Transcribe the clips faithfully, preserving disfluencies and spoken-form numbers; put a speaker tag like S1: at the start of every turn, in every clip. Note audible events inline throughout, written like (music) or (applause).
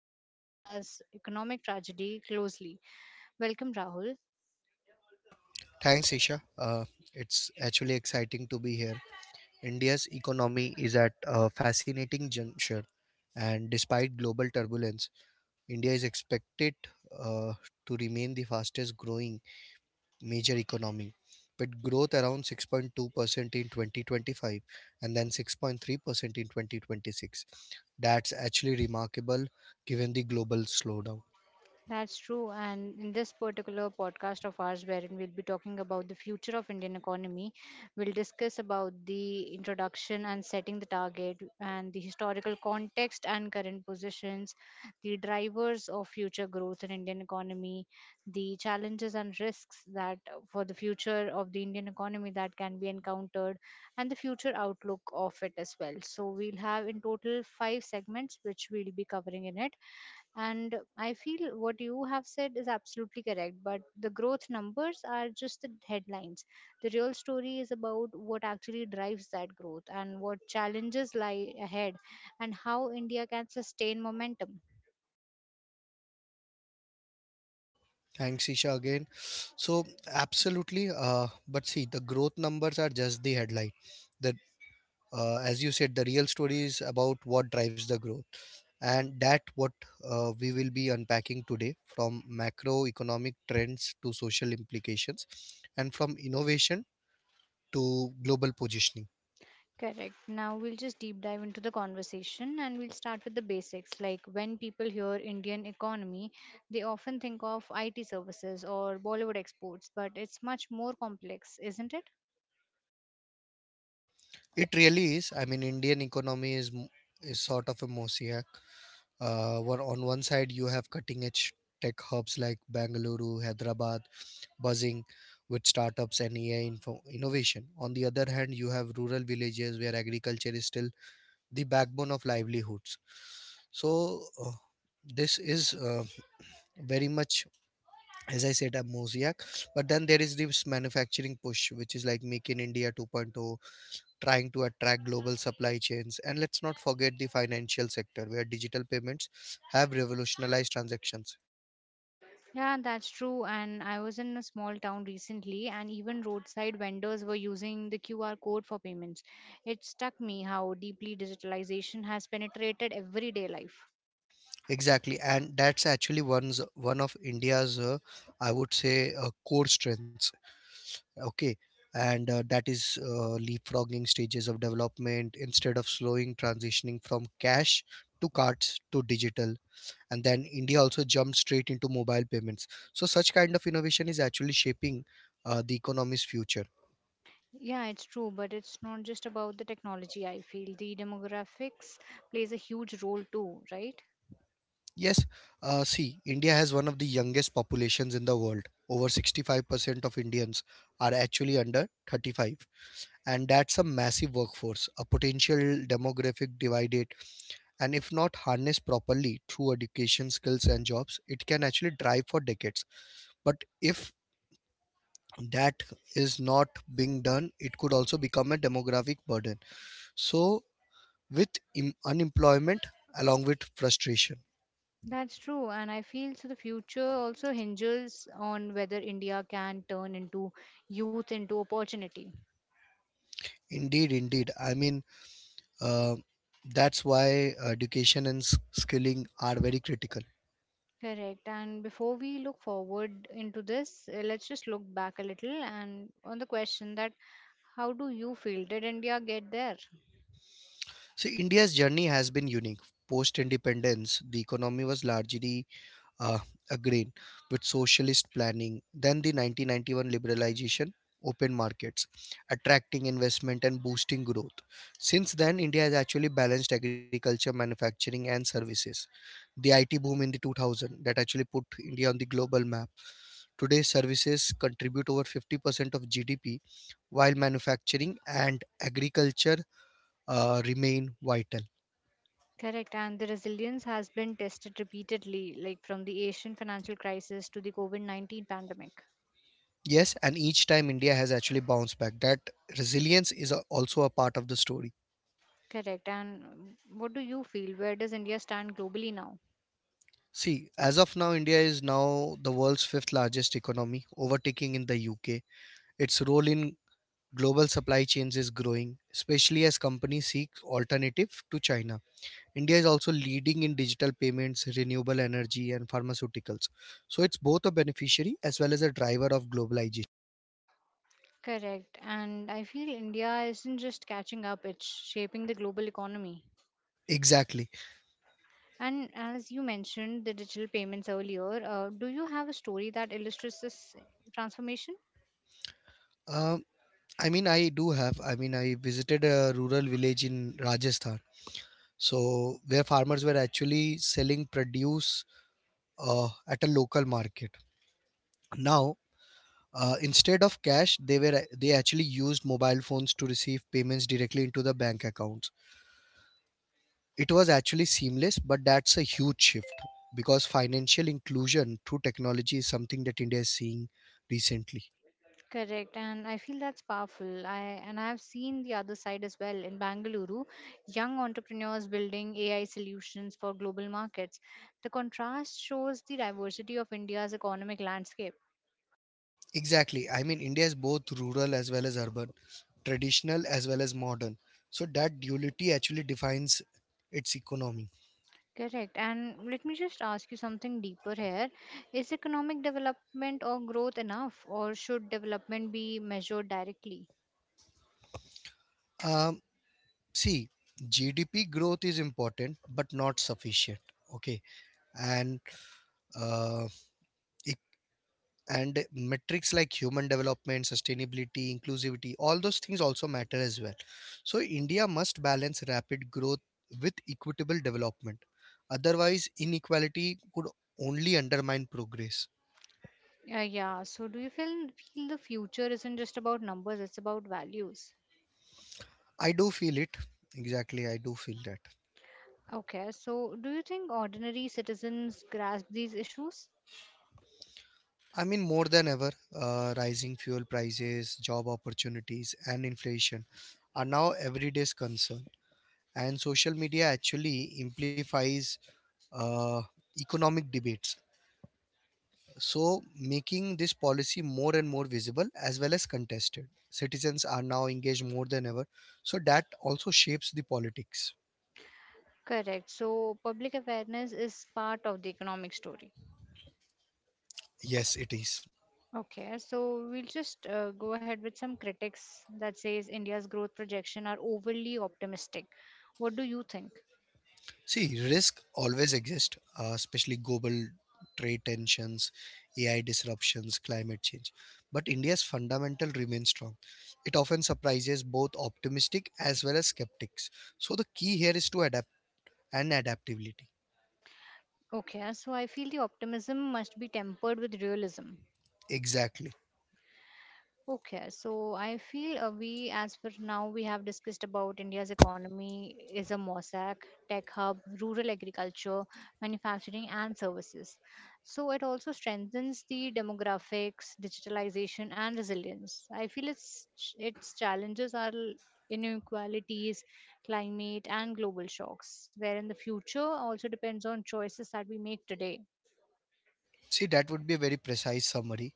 S1: following India's economic tragedy closely. Welcome, Rahul.
S2: Thanks, Isha. Uh, it's actually exciting to be here. India's economy is at a fascinating juncture, and despite global turbulence, India is expected uh, to remain the fastest growing major economy, with growth around six point two percent in twenty twenty-five and then six point three percent in twenty twenty-six. That's actually remarkable given the global slowdown.
S1: That's true. And in this particular podcast of ours, wherein we'll be talking about the future of Indian economy, we'll discuss about the introduction and setting the target and the historical context and current positions, the drivers of future growth in Indian economy, the challenges and risks that uh, for the future of the Indian economy that can be encountered, and the future outlook of it as well. So we'll have in total five segments which we'll be covering in it and I feel what you have said is absolutely correct, but the growth numbers are just the headlines. The real story is about what actually drives that growth and what challenges lie ahead and how India can sustain momentum.
S2: Thanks, Isha, again. So, Absolutely. Uh, but see, the growth numbers are just the headline. That, uh, as you said, the real story is about what drives the growth, and that what uh, we will be unpacking today, from macroeconomic trends to social implications, and from innovation to global positioning.
S1: Correct. Now we'll just deep dive into the conversation and we'll start with the basics. Like when people hear Indian economy, they often think of I T services or Bollywood exports, but it's much more complex, isn't it?
S2: It really is. I mean, Indian economy is m- is sort of a mosaic. Uh, where on one side you have cutting edge tech hubs like Bangalore, Hyderabad, buzzing with startups and A I info- innovation. On the other hand, you have rural villages where agriculture is still the backbone of livelihoods. So, uh, this is uh, very much, as I said, a mosaic. But then there is this manufacturing push, which is like Make in India 2.0, trying to attract global supply chains. And let's not forget the financial sector, where digital payments have revolutionized transactions.
S1: Yeah, that's true. And I was in a small town recently, and even roadside vendors were using the Q R code for payments. It struck me how deeply digitalization has penetrated everyday life.
S2: Exactly, and that's actually one's one of India's, uh, I would say, uh, core strengths. Okay, and uh, that is uh, leapfrogging stages of development instead of slowing transitioning from cash to cards to digital. And then India also jumped straight into mobile payments. So such kind of innovation is actually shaping uh, the economy's future.
S1: Yeah, it's true, but it's not just about the technology, I feel. The demographics plays a huge role too, right?
S2: Yes, uh, see, India has one of the youngest populations in the world. Over sixty-five percent of Indians are actually under thirty-five, and that's a massive workforce, a potential demographic divide it. And if not harnessed properly through education, skills, and jobs, it can actually drive for decades. But if that is not being done, it could also become a demographic burden. So, with im- unemployment along with frustration.
S1: That's true, and I feel so the future also hinges on whether India can turn into youth into opportunity.
S2: Indeed, indeed. I mean, uh, that's why education and s- skilling are very critical.
S1: Correct. And before we look forward into this, uh, let's just look back a little and on the question that how do you feel? Did India get there?
S2: So, India's journey has been unique. Post independence, the economy was largely uh, agreeing with socialist planning, then the nineteen ninety-one liberalization, open markets, attracting investment and boosting growth. Since then, India has actually balanced agriculture, manufacturing, and services. The I T boom in the two thousand that actually put India on the global map. Today, services contribute over fifty percent of G D P, while manufacturing and agriculture uh, remain vital.
S1: Correct. And the resilience has been tested repeatedly, like from the Asian financial crisis to the COVID nineteen pandemic.
S2: Yes, and each time India has actually bounced back. That resilience is a, also a part of the story.
S1: Correct. And um, what do you feel? Where does India stand globally now?
S2: See, as of now, India is now the world's fifth largest economy, overtaking in the U K. Its role in global supply chains is growing, especially as companies seek alternative to China. India is also leading in digital payments, renewable energy, and pharmaceuticals. So it's both a beneficiary as well as a driver of globalization.
S1: Correct. And I feel India isn't just catching up, it's shaping the global economy.
S2: Exactly.
S1: And as you mentioned the digital payments earlier, uh, do you have a story that illustrates this transformation?
S2: Um, I mean, I do have. I mean, I visited a rural village in Rajasthan so where farmers were actually selling produce uh, at a local market now, uh, instead of cash they were they actually used mobile phones to receive payments directly into the bank accounts. It was actually seamless, but that's a huge shift, because financial inclusion through technology is something that India is seeing recently.
S1: Correct, and I feel that's powerful. I and I have seen the other side as well in Bangalore, young entrepreneurs building A I solutions for global markets. The contrast shows the diversity of India's economic landscape.
S2: Exactly. I mean, India is both rural as well as urban, traditional as well as modern. So that duality actually defines its economy.
S1: Correct, and let me just ask you something deeper here. Is economic development or growth enough, or should development be measured directly?
S2: um, See, GDP growth is important but not sufficient. Okay, and uh, it- and metrics like human development, sustainability, inclusivity, all those things also matter as well. So India must balance rapid growth with equitable development, otherwise inequality could only undermine progress.
S1: Uh, yeah. So, do you feel feel the future isn't just about numbers, it's about values?
S2: I do feel it. Exactly, I do feel that.
S1: Okay. So, do you think ordinary citizens grasp these issues?
S2: I mean, more than ever, uh, rising fuel prices, job opportunities, and inflation are now everyday's concern. And social media actually amplifies uh, economic debates, so making this policy more and more visible as well as contested. Citizens are now engaged more than ever, so that also shapes the politics.
S1: Correct. So, public awareness is part of the economic story.
S2: Yes, it is.
S1: Okay. So, we'll just uh, go ahead with some critics that says India's growth projection are overly optimistic. What do you think?
S2: See, risk always exists, uh, especially global trade tensions, A I disruptions, climate change. But India's fundamental remains strong. It often surprises both optimistic as well as skeptics. So the key here is to adapt and adaptability.
S1: Okay. So, I feel the optimism must be tempered with realism.
S2: Exactly.
S1: Okay, so I feel uh, we, as for now, we have discussed about India's economy is a mosaic, tech hub, rural agriculture, manufacturing, and services. So it also strengthens the demographics, digitalization, and resilience. I feel its its challenges are l- inequalities, climate, and global shocks, where in the future also depends on choices that we make today.
S2: See, that would be a very precise summary.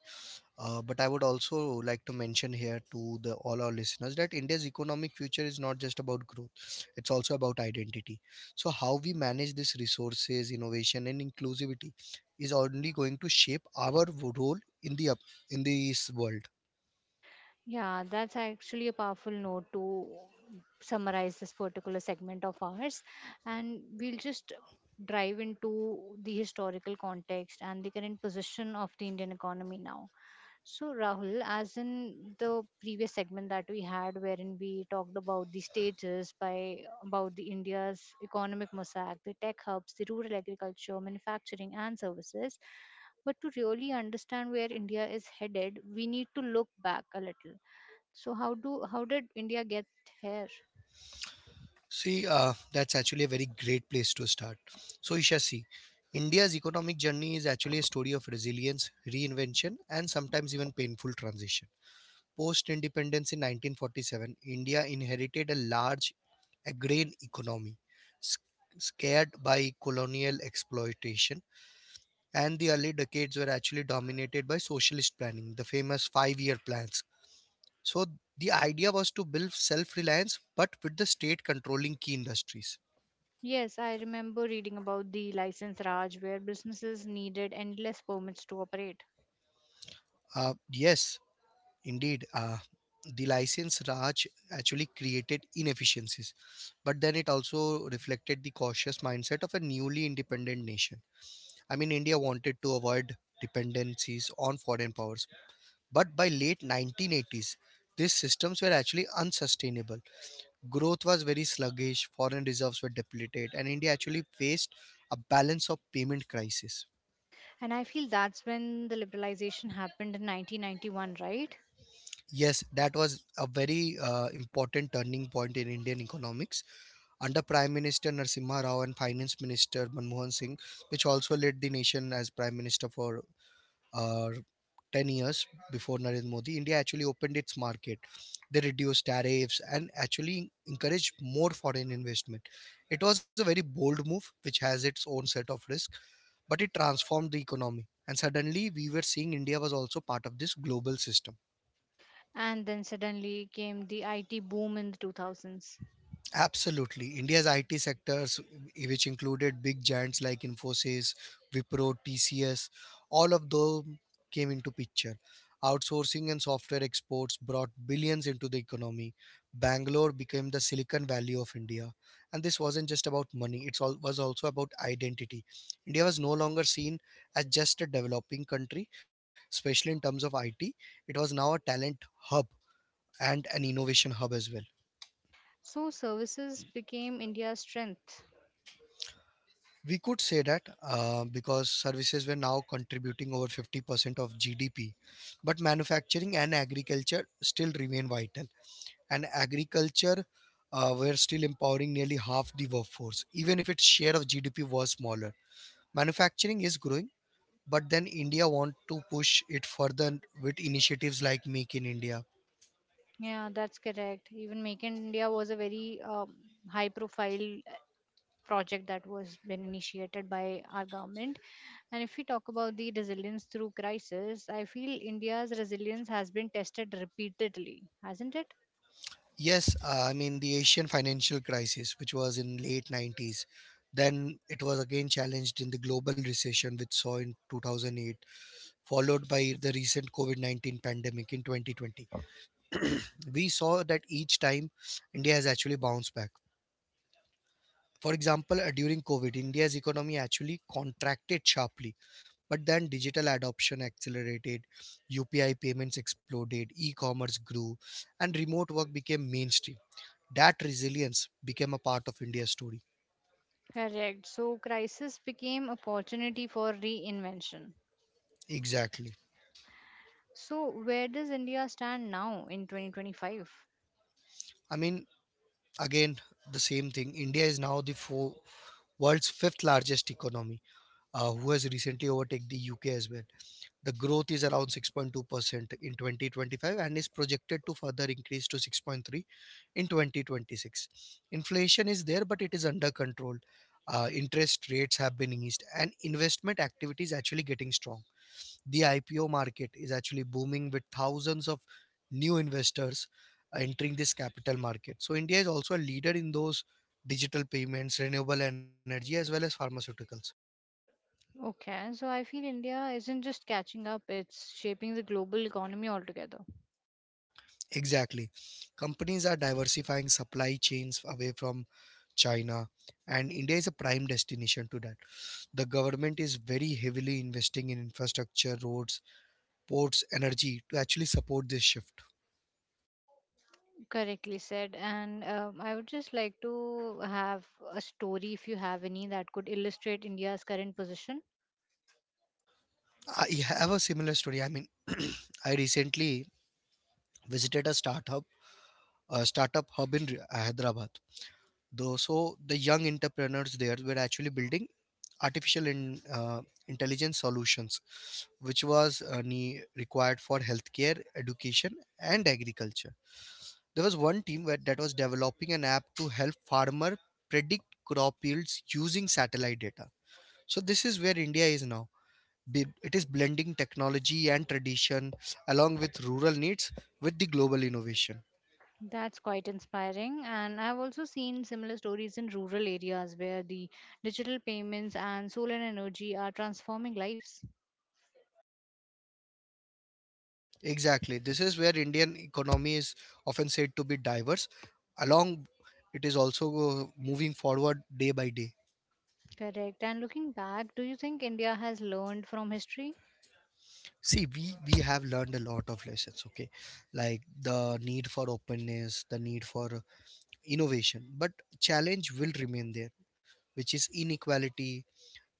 S2: Uh, but I would also like to mention here to the all our listeners that India's economic future is not just about growth; it's also about identity. So how we manage these resources, innovation, and inclusivity is only going to shape our w- role in the up in this world.
S1: Yeah, that's actually a powerful note to summarize this particular segment of ours. And we'll just drive into the historical context and the current position of the Indian economy now. So, Rahul, as in the previous segment that we had, wherein we talked about the stages by about the India's economic mosaic, the tech hubs, the rural agriculture, manufacturing, and services. But to really understand where India is headed, we need to look back a little so how do how did India get here?
S2: See, uh, that's actually a very great place to start. So Isha, see, India's economic journey is actually a story of resilience, reinvention, and sometimes even painful transition. Post independence in nineteen forty-seven, India inherited a large agrarian economy, sc- scared by colonial exploitation, and the early decades were actually dominated by socialist planning, the famous five year plans. So, the idea was to build self reliance but with the state controlling key industries.
S1: Yes, I remember reading about the license Raj where businesses needed endless permits to operate.
S2: Uh, yes, indeed. Uh, the license Raj actually created inefficiencies, but then it also reflected the cautious mindset of a newly independent nation. I mean, India wanted to avoid dependencies on foreign powers, but by late nineteen eighties, these systems were actually unsustainable. Growth was very sluggish, foreign reserves were depleted, and India actually faced a balance of payment crisis.
S1: And I feel that's when the liberalization happened in nineteen ninety-one, right?
S2: Yes, that was a very uh, important turning point in Indian economics. Under Prime Minister Narsimha Rao and Finance Minister Manmohan Singh, which also led the nation as Prime Minister for uh, ten years before Narendra Modi, India actually opened its market. They reduced tariffs and actually encouraged more foreign investment. It was a very bold move, which has its own set of risks, but it transformed the economy. And suddenly, we were seeing India was also part of this global system.
S1: And then suddenly came the I T boom in the two thousands.
S2: Absolutely. India's I T sectors, w- which included big giants like Infosys, Wipro, T C S, all of them came into picture. Outsourcing and software exports brought billions into the economy. Bangalore became the Silicon Valley of India. And this wasn't just about money, it all, was also about identity. India was no longer seen as just a developing country, especially in terms of I T. It was now a talent hub and an innovation hub as well.
S1: So services became India's strength.
S2: We could say that uh, because services were now contributing over fifty percent of G D P, but manufacturing and agriculture still remain vital. And agriculture uh, were still empowering nearly half the workforce, even if its share of G D P was smaller. Manufacturing is growing, but then India want to push it further with initiatives like Make in India.
S1: Yeah, that's correct. Even Make in India was a very um, high profile project that was been initiated by our government. And if we talk about the resilience through crisis, I feel India's resilience has been tested repeatedly, hasn't it?
S2: Yes, uh, I mean the Asian financial crisis, which was in late nineties. Then it was again challenged in the global recession, which saw in two thousand eight, followed by the recent COVID nineteen pandemic in twenty twenty. We saw that each time India has actually bounced back. For example, uh, during COVID, India's economy actually contracted sharply, but then digital adoption accelerated, U P I payments exploded, e commerce grew, and remote work became mainstream. That resilience became a part of India's story.
S1: Correct. So, crisis became opportunity for reinvention.
S2: Exactly.
S1: So, where does India stand now in twenty twenty-five?
S2: I mean, again, the same thing. India is now the four, world's fifth largest economy, uh, who has recently overtaken the U K as well. The growth is around six point two percent in twenty twenty-five and is projected to further increase to six point three in twenty twenty-six. Inflation is there, but it is under control. Uh, interest rates have been eased, and investment activity is actually getting strong. The I P O market is actually booming with thousands of new investors entering this capital market. So India is also a leader in those digital payments, renewable energy, as well as pharmaceuticals.
S1: Okay, so I feel India isn't just catching up, it's shaping the global economy altogether.
S2: Exactly. Companies are diversifying supply chains away from China, and India is a prime destination to that. The government is very heavily investing in infrastructure, roads, ports, energy to actually support this shift.
S1: Correctly said. And um, I would just like to have a story, if you have any, that could illustrate India's current position.
S2: I have a similar story. I mean, (clears throat) I recently visited a startup a startup hub in Re- Hyderabad. Though so the young entrepreneurs there were actually building artificial in, uh, intelligence solutions, which was uh, ne- required for healthcare, education, and agriculture. There was one team where, that was developing an app to help farmer predict crop yields using satellite data. So this is where India is now. Be- It is blending technology and tradition along with rural needs with the global innovation.
S1: That's quite inspiring. And I've also seen similar stories in rural areas where the digital payments and solar energy are transforming lives.
S2: Exactly. This is where Indian economy is often said to be diverse. Along, it is also uh, moving forward day by day.
S1: Correct. And looking back, do you think India has learned from history?
S2: See, we we have learned a lot of lessons. Okay, like the need for openness, the need for innovation, but challenge will remain there, which is inequality,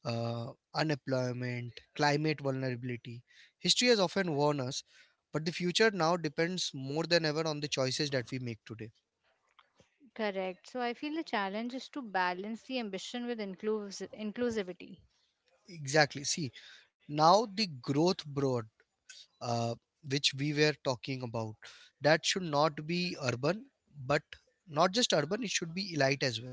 S2: uh, unemployment, climate vulnerability. History has often warned us, but the future now depends more than ever on the choices that we make today.
S1: Correct. So I feel the challenge is to balance the ambition with inclus- inclusivity.
S2: Exactly. See, now the growth broad, uh, which we were talking about, that should not be urban, but not just urban, it should be elite as well.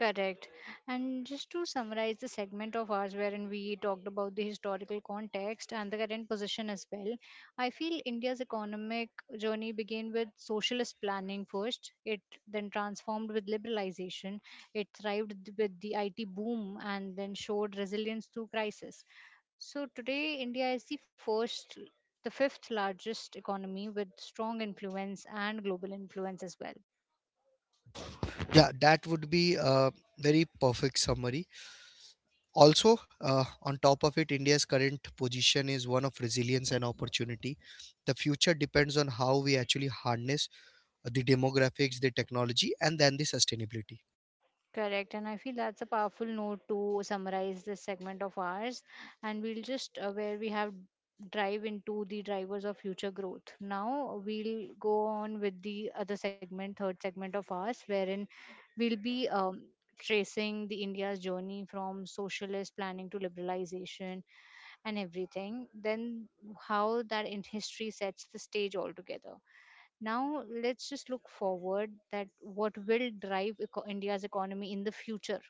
S1: Correct. And just to summarize the segment of ours wherein we talked about the historical context and the current position as well, I feel India's economic journey began with socialist planning first. It then transformed with liberalization. It thrived with the I T boom and then showed resilience through crisis. So today, India is the first, the fifth largest economy with strong influence and global influence as well.
S2: Yeah, that would be a very perfect summary. Also, uh, on top of it, India's current position is one of resilience and opportunity. The future depends on how we actually harness the demographics, the technology, and then the sustainability.
S1: Correct, and I feel that's a powerful note to summarize this segment of ours. And we'll just uh, where we have drive into the drivers of future growth. Now we'll go on with the other segment, third segment of ours, wherein we'll be um, tracing the India's journey from socialist planning to liberalization and everything. Then how that in history sets the stage altogether now let's just look forward that what will drive eco- india's economy in the future.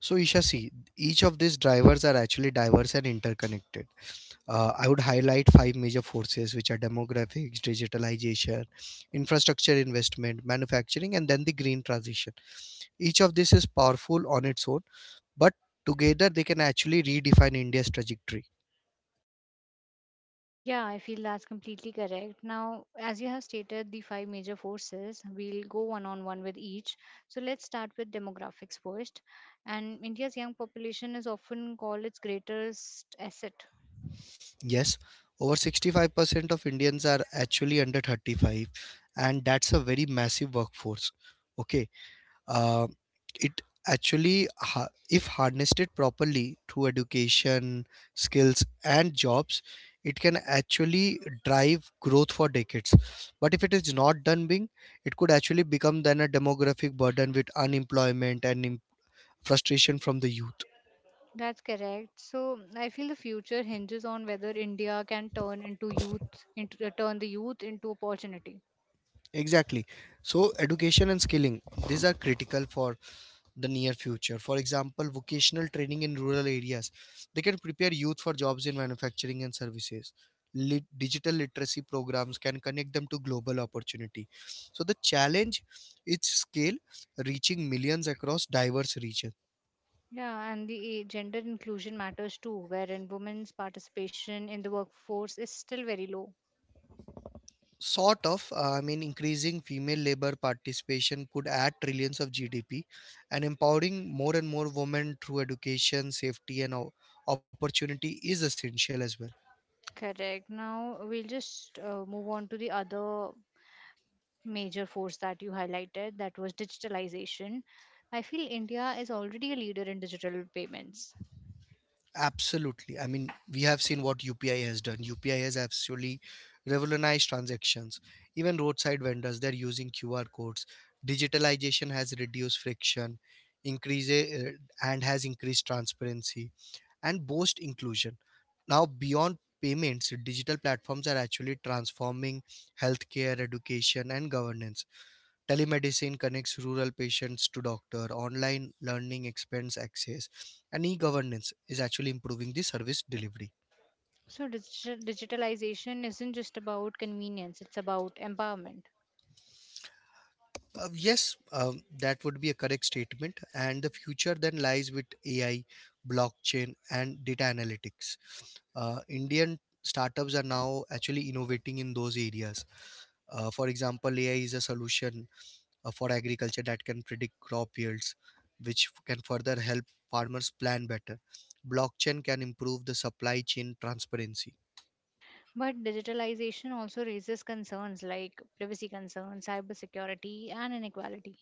S2: So, Isha, see, each of these drivers are actually diverse and interconnected. Uh, I would highlight five major forces, which are demographics, digitalization, infrastructure investment, manufacturing, and then the green transition. Each of this is powerful on its own, but together they can actually redefine India's trajectory.
S1: Yeah, I feel that's completely correct. Now, as you have stated, the five major forces, we'll go one on one with each. So let's start with demographics first. And India's young population is often called its greatest asset.
S2: Yes, over sixty-five percent of Indians are actually under thirty-five, and that's a very massive workforce. Okay, uh, it actually ha- if harnessed properly through education skills and jobs it can actually drive growth for decades, but if it is not done being it could actually become then a demographic burden with unemployment and im- frustration from the youth.
S1: That's correct. So I feel the future hinges on whether India can turn into youth, into, turn the youth into opportunity.
S2: Exactly. So education and skilling, these are critical for the near future. For example, vocational training in rural areas. They can prepare youth for jobs in manufacturing and services. Lit- digital literacy programs can connect them to global opportunity. So the challenge is scale, reaching millions across diverse regions.
S1: Yeah, and the gender inclusion matters too, wherein women's participation in the workforce is still very low.
S2: Sort of, uh, I mean, increasing female labor participation could add trillions of G D P, and empowering more and more women through education, safety, and o- opportunity is essential as well.
S1: Correct. Now we'll just uh, move on to the other major force that you highlighted, that was digitalization. I feel India is already a leader in digital payments.
S2: Absolutely. I mean, we have seen what U P I has done. U P I has actually revolutionized transactions. Even roadside vendors, they're using Q R codes. Digitalization has reduced friction, increase uh, and has increased transparency and boost inclusion. Now, beyond payments, digital platforms are actually transforming healthcare, education, and governance. Telemedicine connects rural patients to doctor. Online learning expands access, and e-governance is actually improving the service delivery.
S1: So digital, digitalization isn't just about convenience, it's about empowerment.
S2: Uh, yes, um, that would be a correct statement. And the future then lies with A I, blockchain, and data analytics. Uh, Indian startups are now actually innovating in those areas. Uh, for example, A I is a solution uh, for agriculture that can predict crop yields, which can further help farmers plan better. Blockchain can improve the supply chain transparency.
S1: But digitalization also raises concerns like privacy concerns, cybersecurity, and inequality.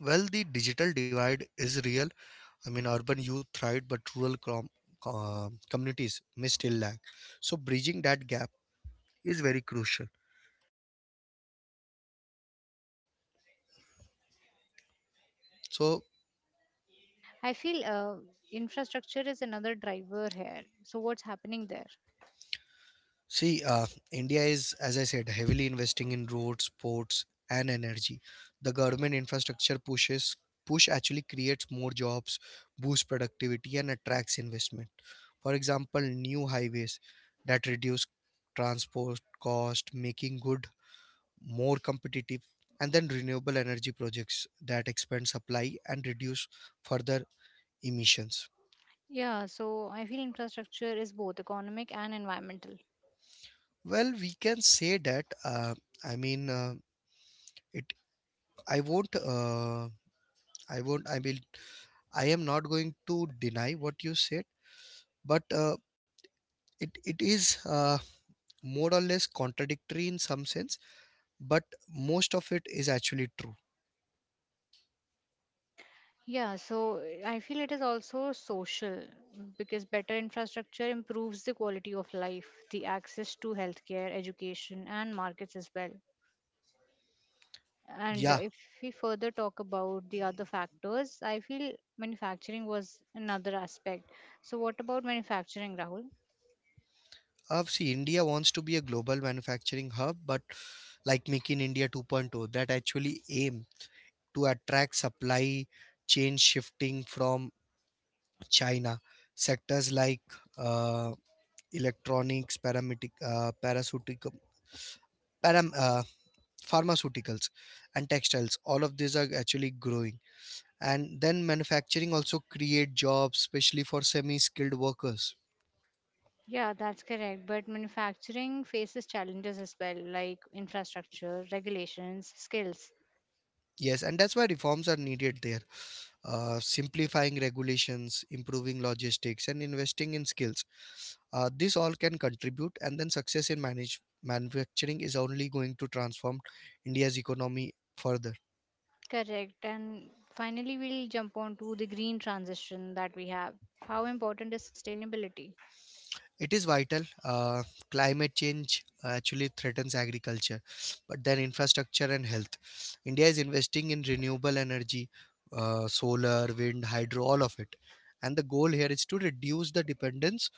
S2: Well, the digital divide is real. I mean, urban youth thrive, but rural com- com- communities may still lag. So, bridging that gap is very crucial. So,
S1: I feel uh, infrastructure is another driver here. So, what's happening there?
S2: see, uh, India is, as I said, heavily investing in roads, ports, and energy. The government infrastructure pushes push actually creates more jobs, boosts productivity, and attracts investment. For example, new highways that reduce transport cost, making good more competitive, and then renewable energy projects that expand supply and reduce further emissions.
S1: Yeah, so I feel infrastructure is both economic and environmental.
S2: Well, we can say that. Uh, I mean, uh, it. I won't. Uh, I won't. I will. I am not going to deny what you said, but uh, it it is uh, more or less contradictory in some sense. But most of it is actually true.
S1: Yeah, so I feel it is also social because better infrastructure improves the quality of life, the access to healthcare, education, and markets as well. And
S2: Yeah.
S1: if we further talk about the other factors, I feel manufacturing was another aspect. So, what about manufacturing, Rahul?
S2: Uh, see, India wants to be a global manufacturing hub, but like Make in India 2.0, that actually aim to attract supply chain shifting from China. Sectors like uh, electronics, paramedic, uh, parasutic, param, uh, pharmaceuticals and textiles, all of these are actually growing, and then manufacturing also create jobs, especially for semi skilled workers.
S1: Yeah, that's correct. But manufacturing faces challenges as well, like infrastructure, regulations, skills.
S2: Yes, and that's why reforms are needed there. Uh, simplifying regulations, improving logistics, and investing in skills, uh, this all can contribute, and then success in manage- manufacturing is only going to transform india's economy further.
S1: Correct. And finally, we'll jump on to the green transition that we have. How important is sustainability?
S2: It is vital. Uh, climate change actually threatens agriculture, but then infrastructure and health. India is investing in renewable energy, uh, solar, wind, hydro, all of it. And the goal here is to reduce the dependence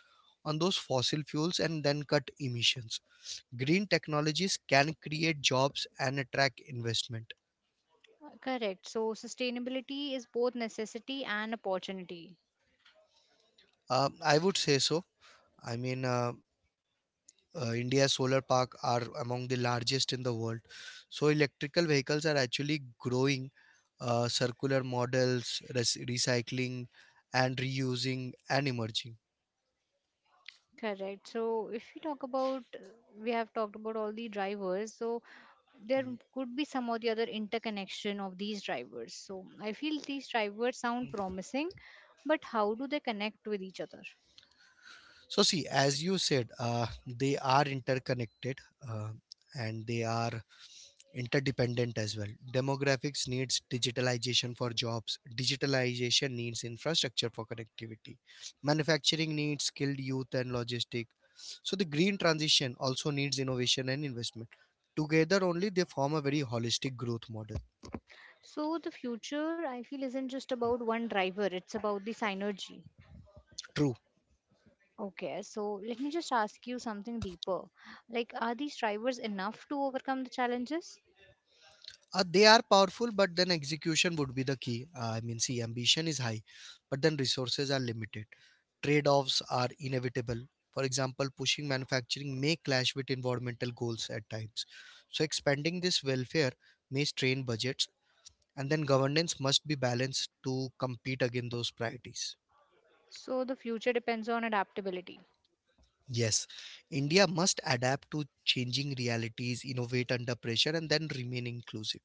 S2: on those fossil fuels and then cut emissions. Green technologies can create jobs and attract investment.
S1: Uh, Correct. So, sustainability is both necessity and opportunity.
S2: Um, I would say so. I mean, uh, uh, India's solar park are among the largest in the world. So electrical vehicles are actually growing, uh, circular models, res- recycling, and reusing and emerging.
S1: Correct. So, if we talk about, we have talked about all the drivers. So, there could be some or the other interconnection of these drivers. So I feel these drivers sound promising, but how do they connect with each other?
S2: So see, as you said, uh, they are interconnected uh, and they are interdependent as well. Demographics needs digitalization for jobs, digitalization needs infrastructure for connectivity, manufacturing needs skilled youth and logistic. So the green transition also needs innovation and investment. Together only they form a very holistic growth model.
S1: So the future, I feel, isn't just about one driver, it's about the synergy.
S2: True.
S1: Okay, so let me just ask you something deeper. Like, are these drivers enough to overcome the challenges?
S2: Uh, they are powerful, but then execution would be the key. Uh, I mean, see, ambition is high, but then resources are limited. Trade offs are inevitable. For example, pushing manufacturing may clash with environmental goals at times. So, expanding this welfare may strain budgets, and then governance must be balanced to compete against those priorities.
S1: So the future depends on adaptability.
S2: Yes, India must adapt to changing realities, innovate under pressure, and then remain inclusive.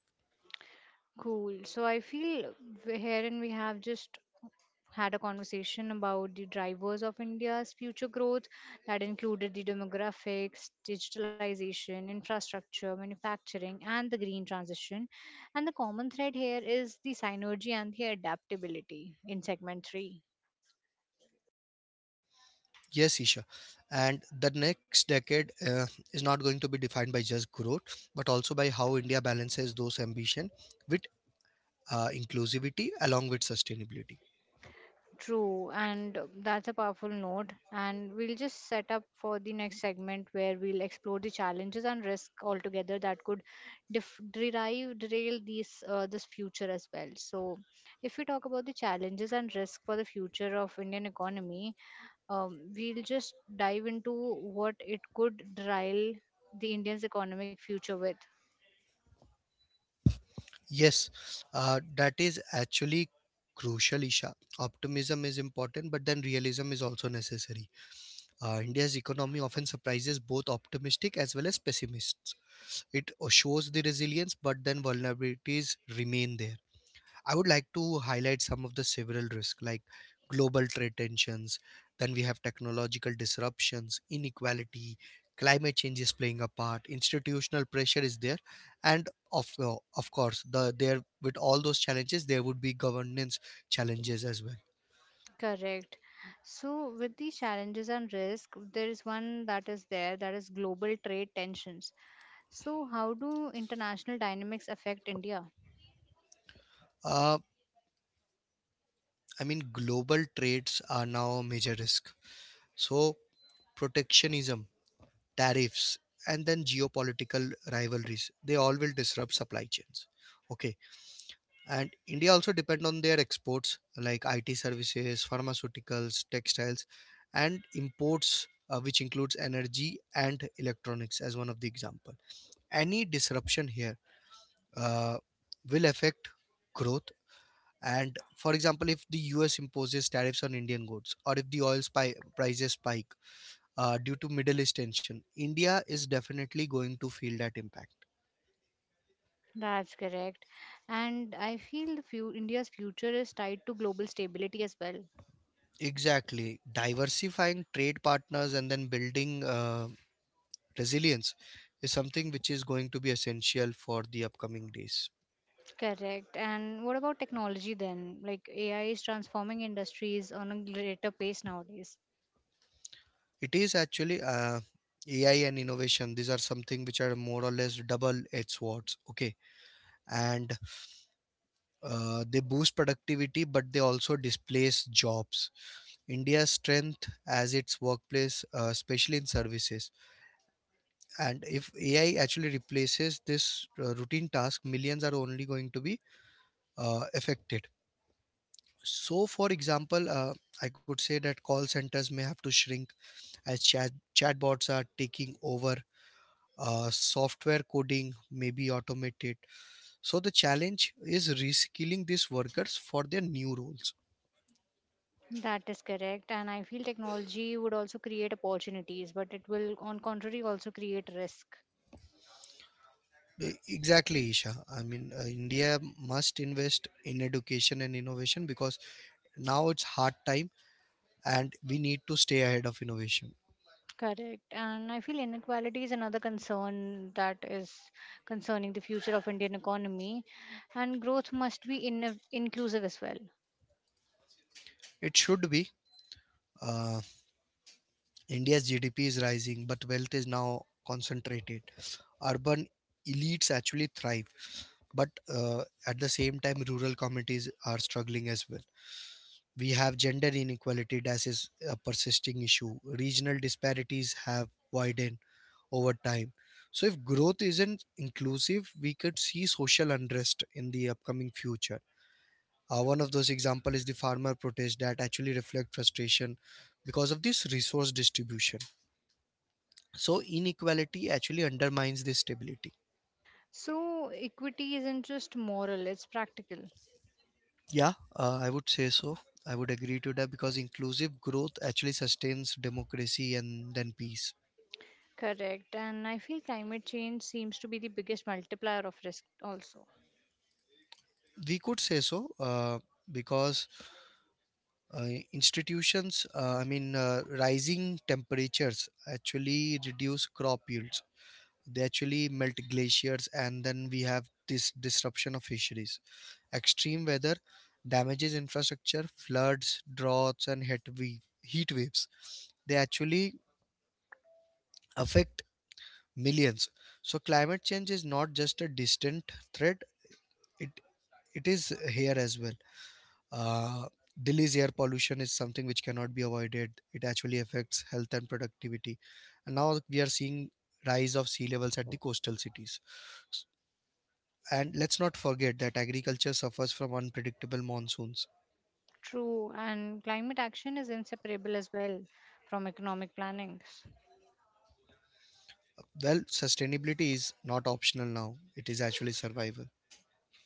S1: Cool. So I feel w- here and we have just had a conversation about the drivers of India's future growth that included the demographics, digitalization, infrastructure, manufacturing, and the green transition. And the common thread here is the synergy and the adaptability in segment three.
S2: Yes, Isha. And the next decade uh, is not going to be defined by just growth, but also by how India balances those ambition with uh, inclusivity along with sustainability.
S1: True, and that's a powerful note. And we'll just set up for the next segment where we'll explore the challenges and risk altogether that could def- derive derail these uh, this future as well. So, if we talk about the challenges and risk for the future of Indian economy, um, we'll just dive into what it could derail the Indian's economic future with.
S2: Yes, uh, that is actually crucial, Isha. Optimism is important, but then realism is also necessary. Uh, India's economy often surprises both optimistic as well as pessimists. It uh, shows the resilience, but then vulnerabilities remain there. I would like to highlight some of the several risks like global trade tensions, then we have technological disruptions, inequality, climate change is playing a part, institutional pressure is there, and of uh, of course the there with all those challenges there would be governance challenges as well.
S1: Correct. So, with the challenges and risk, there is one that is there that is global trade tensions. So, how do international dynamics affect India?
S2: Uh, I mean, global trades are now a major risk. So protectionism, tariffs, and then geopolitical rivalries, they all will disrupt supply chains. Okay, and india also depend on their exports like it services, pharmaceuticals, textiles, and imports, uh, which includes energy and electronics as one of the example. Any disruption here uh, will affect growth. And for example, if the us imposes tariffs on indian goods, or if the oil spy- prices spike uh, due to middle east tension, india is definitely going to feel that impact.
S1: That's correct. And I feel the few, India's future is tied to global stability as well.
S2: Exactly, diversifying trade partners and then building uh, resilience is something which is going to be essential for the upcoming days.
S1: Correct. And what about technology then? Like A I is transforming industries on a greater pace nowadays.
S2: It is actually uh, A I and innovation. These are something which are more or less double-edged swords. Okay, and uh, they boost productivity, but they also displace jobs. India's strength as its workplace, uh, especially in services, and if A I actually replaces this uh, routine task, millions are only going to be uh, affected. So, for example, uh, I could say that call centers may have to shrink as chat chatbots are taking over, uh, software coding may be automated. So the challenge is reskilling these workers for their new roles.
S1: That is correct. And I feel technology would also create opportunities, but it will, on contrary, also create risk.
S2: E- exactly, isha. i mean uh, india must invest in education and innovation because now it's hard time and we need to stay ahead of innovation.
S1: Correct. And I feel inequality is another concern that is concerning the future of Indian economy and growth must be in- inclusive as well.
S2: It should be. uh, india's gdp is rising but wealth is now concentrated. Urban elites actually thrive, but uh, at the same time rural communities are struggling as well. We have gender inequality, that is a persisting issue. Regional disparities have widened over time. So if growth isn't inclusive, we could see social unrest in the upcoming future. Uh, one of those examples is the farmer protest that actually reflect frustration because of this resource distribution. So inequality actually undermines this stability.
S1: So equity isn't just moral, it's practical.
S2: Yeah, uh, I would say so. I would agree to that because inclusive growth actually sustains democracy and then peace.
S1: Correct. And I feel climate change seems to be the biggest multiplier of risk also.
S2: We could say so, uh, because uh, institutions, uh, I mean, uh, rising temperatures actually reduce crop yields. They actually melt glaciers, and then we have this disruption of fisheries. Extreme weather damages infrastructure, floods, droughts, and heat wave, heat waves. They actually affect millions. So climate change is not just a distant threat, it it is here as well. uh, delhi's air pollution is something which cannot be avoided. It actually affects health and productivity. And now we are seeing rise of sea levels at the coastal cities. And let's not forget that agriculture suffers from unpredictable monsoons.
S1: True. And climate action is inseparable as well from economic plannings.
S2: Well, sustainability is not optional now, it is actually survival.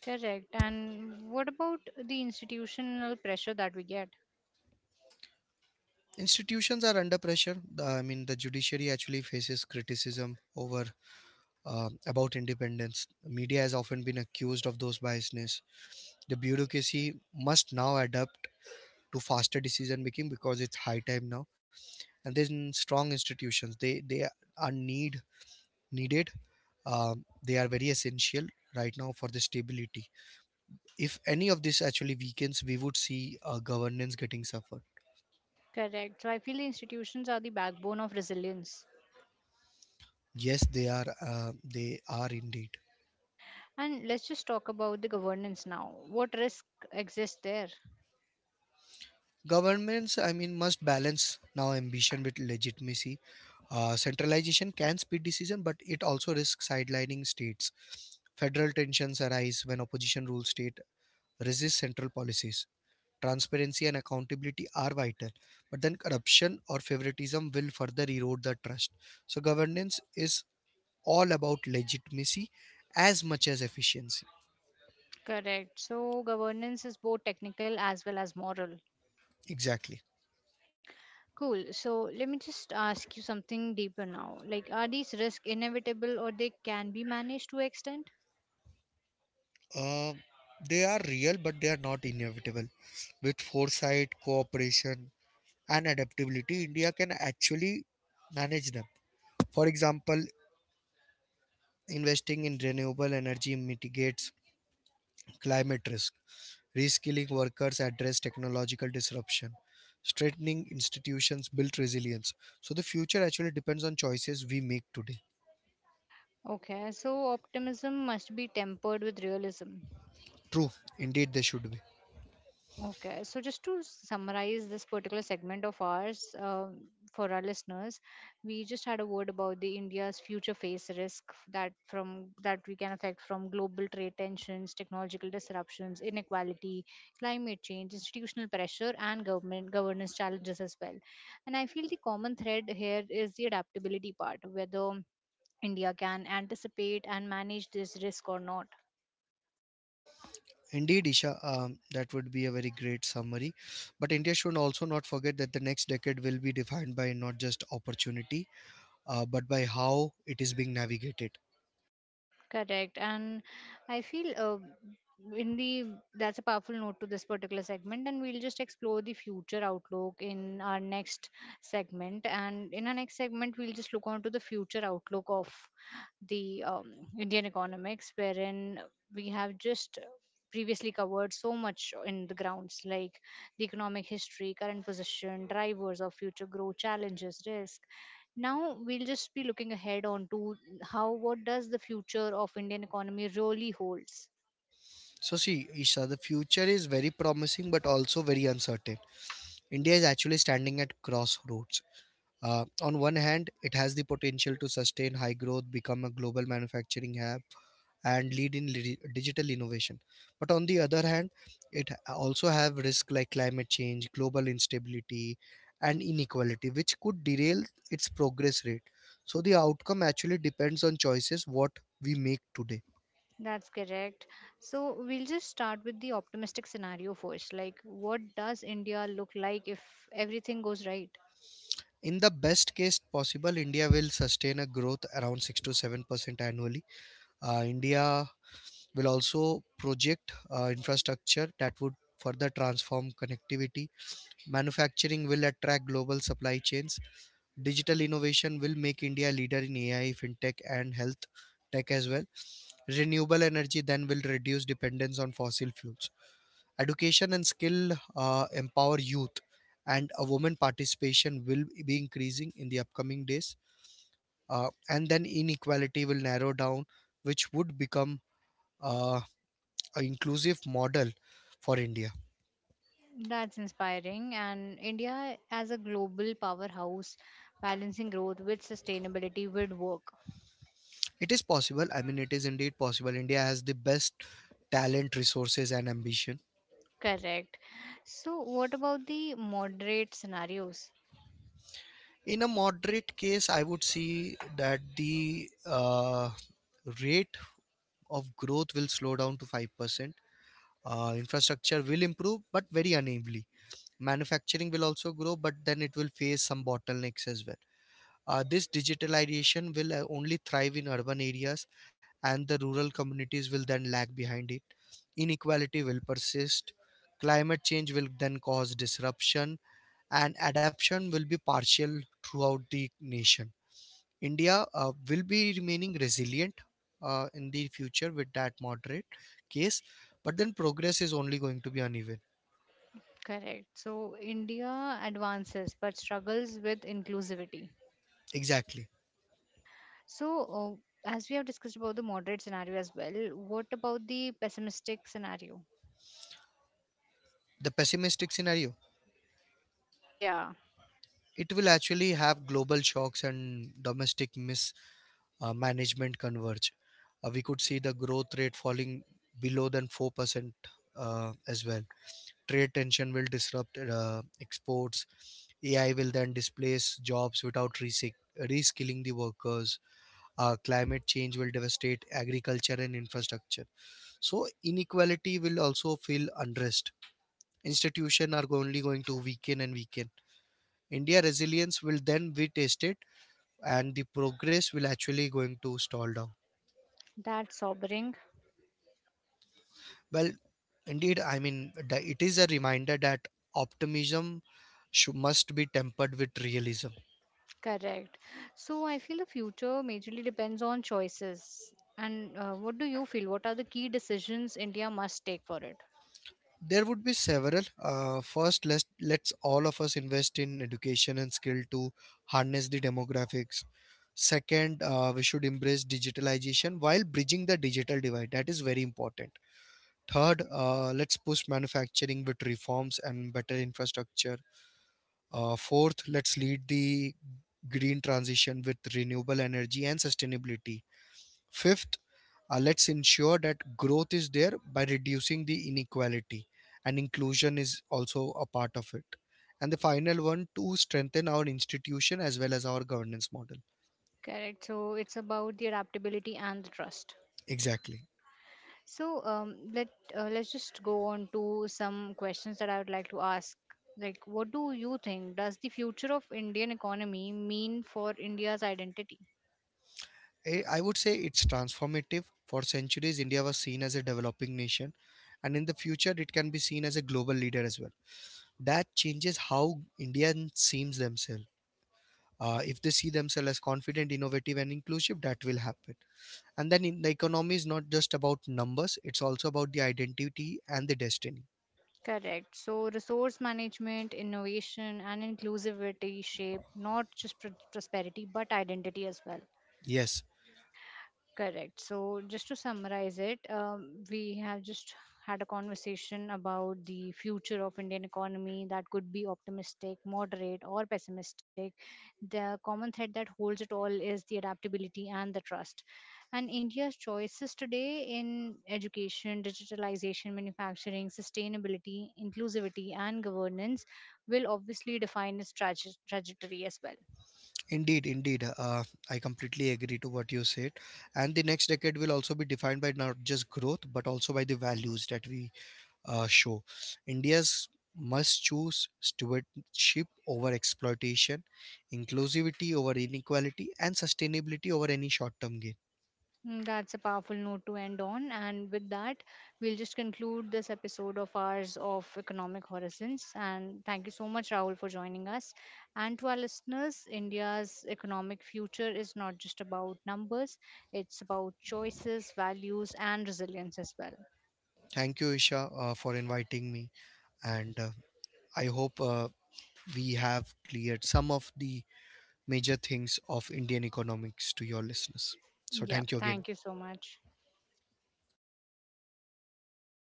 S1: Correct. And what about the institutional pressure that we get?
S2: Institutions are under pressure. the, I mean, the judiciary actually faces criticism over um, about independence. Media has often been accused of those biasness. The bureaucracy must now adapt to faster decision making because it's high time now. And then strong institutions, they they are need needed. Um, they are very essential right now for the stability. If any of this actually weakens, we would see uh, governance getting suffered.
S1: Correct. So I feel the institutions are the backbone of resilience.
S2: Yes, they are. Uh, they are indeed.
S1: And let's just talk about the governance now. What risk exists there?
S2: Governments, I mean, must balance now ambition with legitimacy. Uh, centralization can speed decision, but it also risks sidelining states. Federal tensions arise when opposition rule state resists central policies. Transparency and accountability are vital, but then corruption or favoritism will further erode the trust. So governance is all about legitimacy as much as efficiency.
S1: Correct. So governance is both technical as well as moral.
S2: Exactly.
S1: Cool. So let me just ask you something deeper now. Like, are these risks inevitable or they can be managed to extent?
S2: Uh, they are real, but they are not inevitable. With foresight, cooperation, and adaptability, India can actually manage them. For example, investing in renewable energy mitigates climate risk, reskilling workers address technological disruption, strengthening institutions build resilience. So the future actually depends on choices we make today.
S1: Okay. So optimism must be tempered with realism.
S2: True, indeed, they should be.
S1: Okay, so just to summarize this particular segment of ours, um, for our listeners, we just had a word about the India's future face risk f- that from that we can affect from global trade tensions, technological disruptions, inequality, climate change, institutional pressure, and government governance challenges as well. And I feel the common thread here is the adaptability part, whether India can anticipate and manage this risk or not.
S2: Indeed, Isha, um, that would be a very great summary. But India should also not forget that the next decade will be defined by not just opportunity, uh, but by how it is being navigated.
S1: Correct. And I feel uh, in the that's a powerful note to this particular segment, and we'll just explore the future outlook in our next segment. And in our next segment, we'll just look on to the future outlook of the um, Indian economics, wherein we have just previously covered so much in the grounds like the economic history, current position, drivers of future growth, challenges, risk, now we'll just be looking ahead onto how what does the future of Indian economy really holds.
S2: So, see, Isha, the future is very promising but also very uncertain. India is actually standing at crossroads. Uh, on one hand, it has the potential to sustain high growth, become a global manufacturing hub, and lead in li- digital innovation, but on the other hand, it also have risk like climate change, global instability, and inequality, which could derail its progress rate. So the outcome actually depends on choices what we make today.
S1: That's correct. So we'll just start with the optimistic scenario first. Like, what does India look like if everything goes right?
S2: In the best case possible, India will sustain a growth around six to seven percent annually. Uh, india will also project uh, infrastructure that would further transform connectivity. Manufacturing will attract global supply chains. Digital innovation will make India a leader in A I, fintech, and health tech as well. Renewable energy then will reduce dependence on fossil fuels. Education and skill uh, empower youth, and a woman participation will be increasing in the upcoming days. Uh, and then inequality will narrow down, which would become uh, an inclusive model for India.
S1: That's inspiring. And India, as a global powerhouse, balancing growth with sustainability would work.
S2: It is possible. I mean, it is indeed possible. India has the best talent, resources, and ambition.
S1: Correct. So, what about the moderate scenarios?
S2: In a moderate case, I would see that the uh, rate of growth will slow down to five percent. Uh, infrastructure will improve, but very unevenly. Manufacturing will also grow, but then it will face some bottlenecks as well. Uh, this digitalization will uh, only thrive in urban areas, and the rural communities will then lag behind it. Inequality will persist. Climate change will then cause disruption, and adaptation will be partial throughout the nation. India uh, will be remaining resilient uh, in the future with that moderate case, but then progress is only going to be uneven.
S1: Correct. So, India advances but struggles with inclusivity.
S2: Exactly.
S1: So, uh, as we have discussed about the moderate scenario as well, what about the pessimistic scenario?
S2: The pessimistic scenario.
S1: Yeah.
S2: It will actually have global shocks and domestic mismanagement converge. Uh, we could see the growth rate falling below than four percent uh, as well. Trade tension will disrupt uh, exports. A I will then displace jobs without resick- reskilling the workers. Uh, climate change will devastate agriculture and infrastructure, so inequality will also feel unrest. Institutions are only going to weaken and weaken. India resilience will then be tested, and the progress will actually going to stall down.
S1: That's sobering.
S2: Well, indeed, I mean, the- it is a reminder that optimism shou- must be tempered with realism.
S1: Correct. So, I feel the future majorly depends on choices. And uh, what do you feel? What are the key decisions India must take for it?
S2: There would be several. Uh, first, let's let's all of us invest in education and skill to harness the demographics. Second, uh, we should embrace digitalization while bridging the digital divide. That is very important. Third, uh, let's push manufacturing with reforms and better infrastructure. Uh, fourth, let's lead the green transition with renewable energy and sustainability. Fifth, uh, let's ensure that growth is there by reducing the inequality, and inclusion is also a part of it. And the final one to strengthen our institution as well as our governance model.
S1: Correct. So, it's about the adaptability and the trust.
S2: Exactly.
S1: So, um, let uh, let's just go on to some questions that I would like to ask. Like, what do you think? Does the future of Indian economy mean for India's identity?
S2: I I would say it's transformative. For centuries, India was seen as a developing nation, and in the future, it can be seen as a global leader as well. That changes how Indians seems themselves. Uh, if they see themselves as confident, innovative, and inclusive, that will happen. And then in the economy is not just about numbers, it's also about the identity and the destiny.
S1: Correct. So, resource management, innovation, and inclusivity shape not just pr- prosperity but identity as well.
S2: Yes.
S1: Correct. So, just to summarize it, um, we have just had a conversation about the future of Indian economy that could be optimistic, moderate, or pessimistic. The common thread that holds it all is the adaptability and the trust. And India's choices today in education, digitalization, manufacturing, sustainability, inclusivity, and governance will obviously define its traje- trajectory as well.
S2: Indeed, indeed. Uh, I completely agree to what you said. And the next decade will also be defined by not just growth, but also by the values that we uh, show. India's must choose stewardship over exploitation, inclusivity over inequality, and sustainability over any short term gain.
S1: Mm, that's a powerful note to end on. And with that, we'll just conclude this episode of ours of Economic Horizons. And thank you so much, Rahul, for joining us. And to our listeners, India's economic future is not just about numbers, it's about choices, values, and resilience as well.
S2: Thank you, Isha, uh, for inviting me. And uh, I hope uh, we have cleared some of the major things of Indian economics to your listeners. So,
S1: Yeah,
S2: thank you
S1: thank
S2: again.
S1: you so much.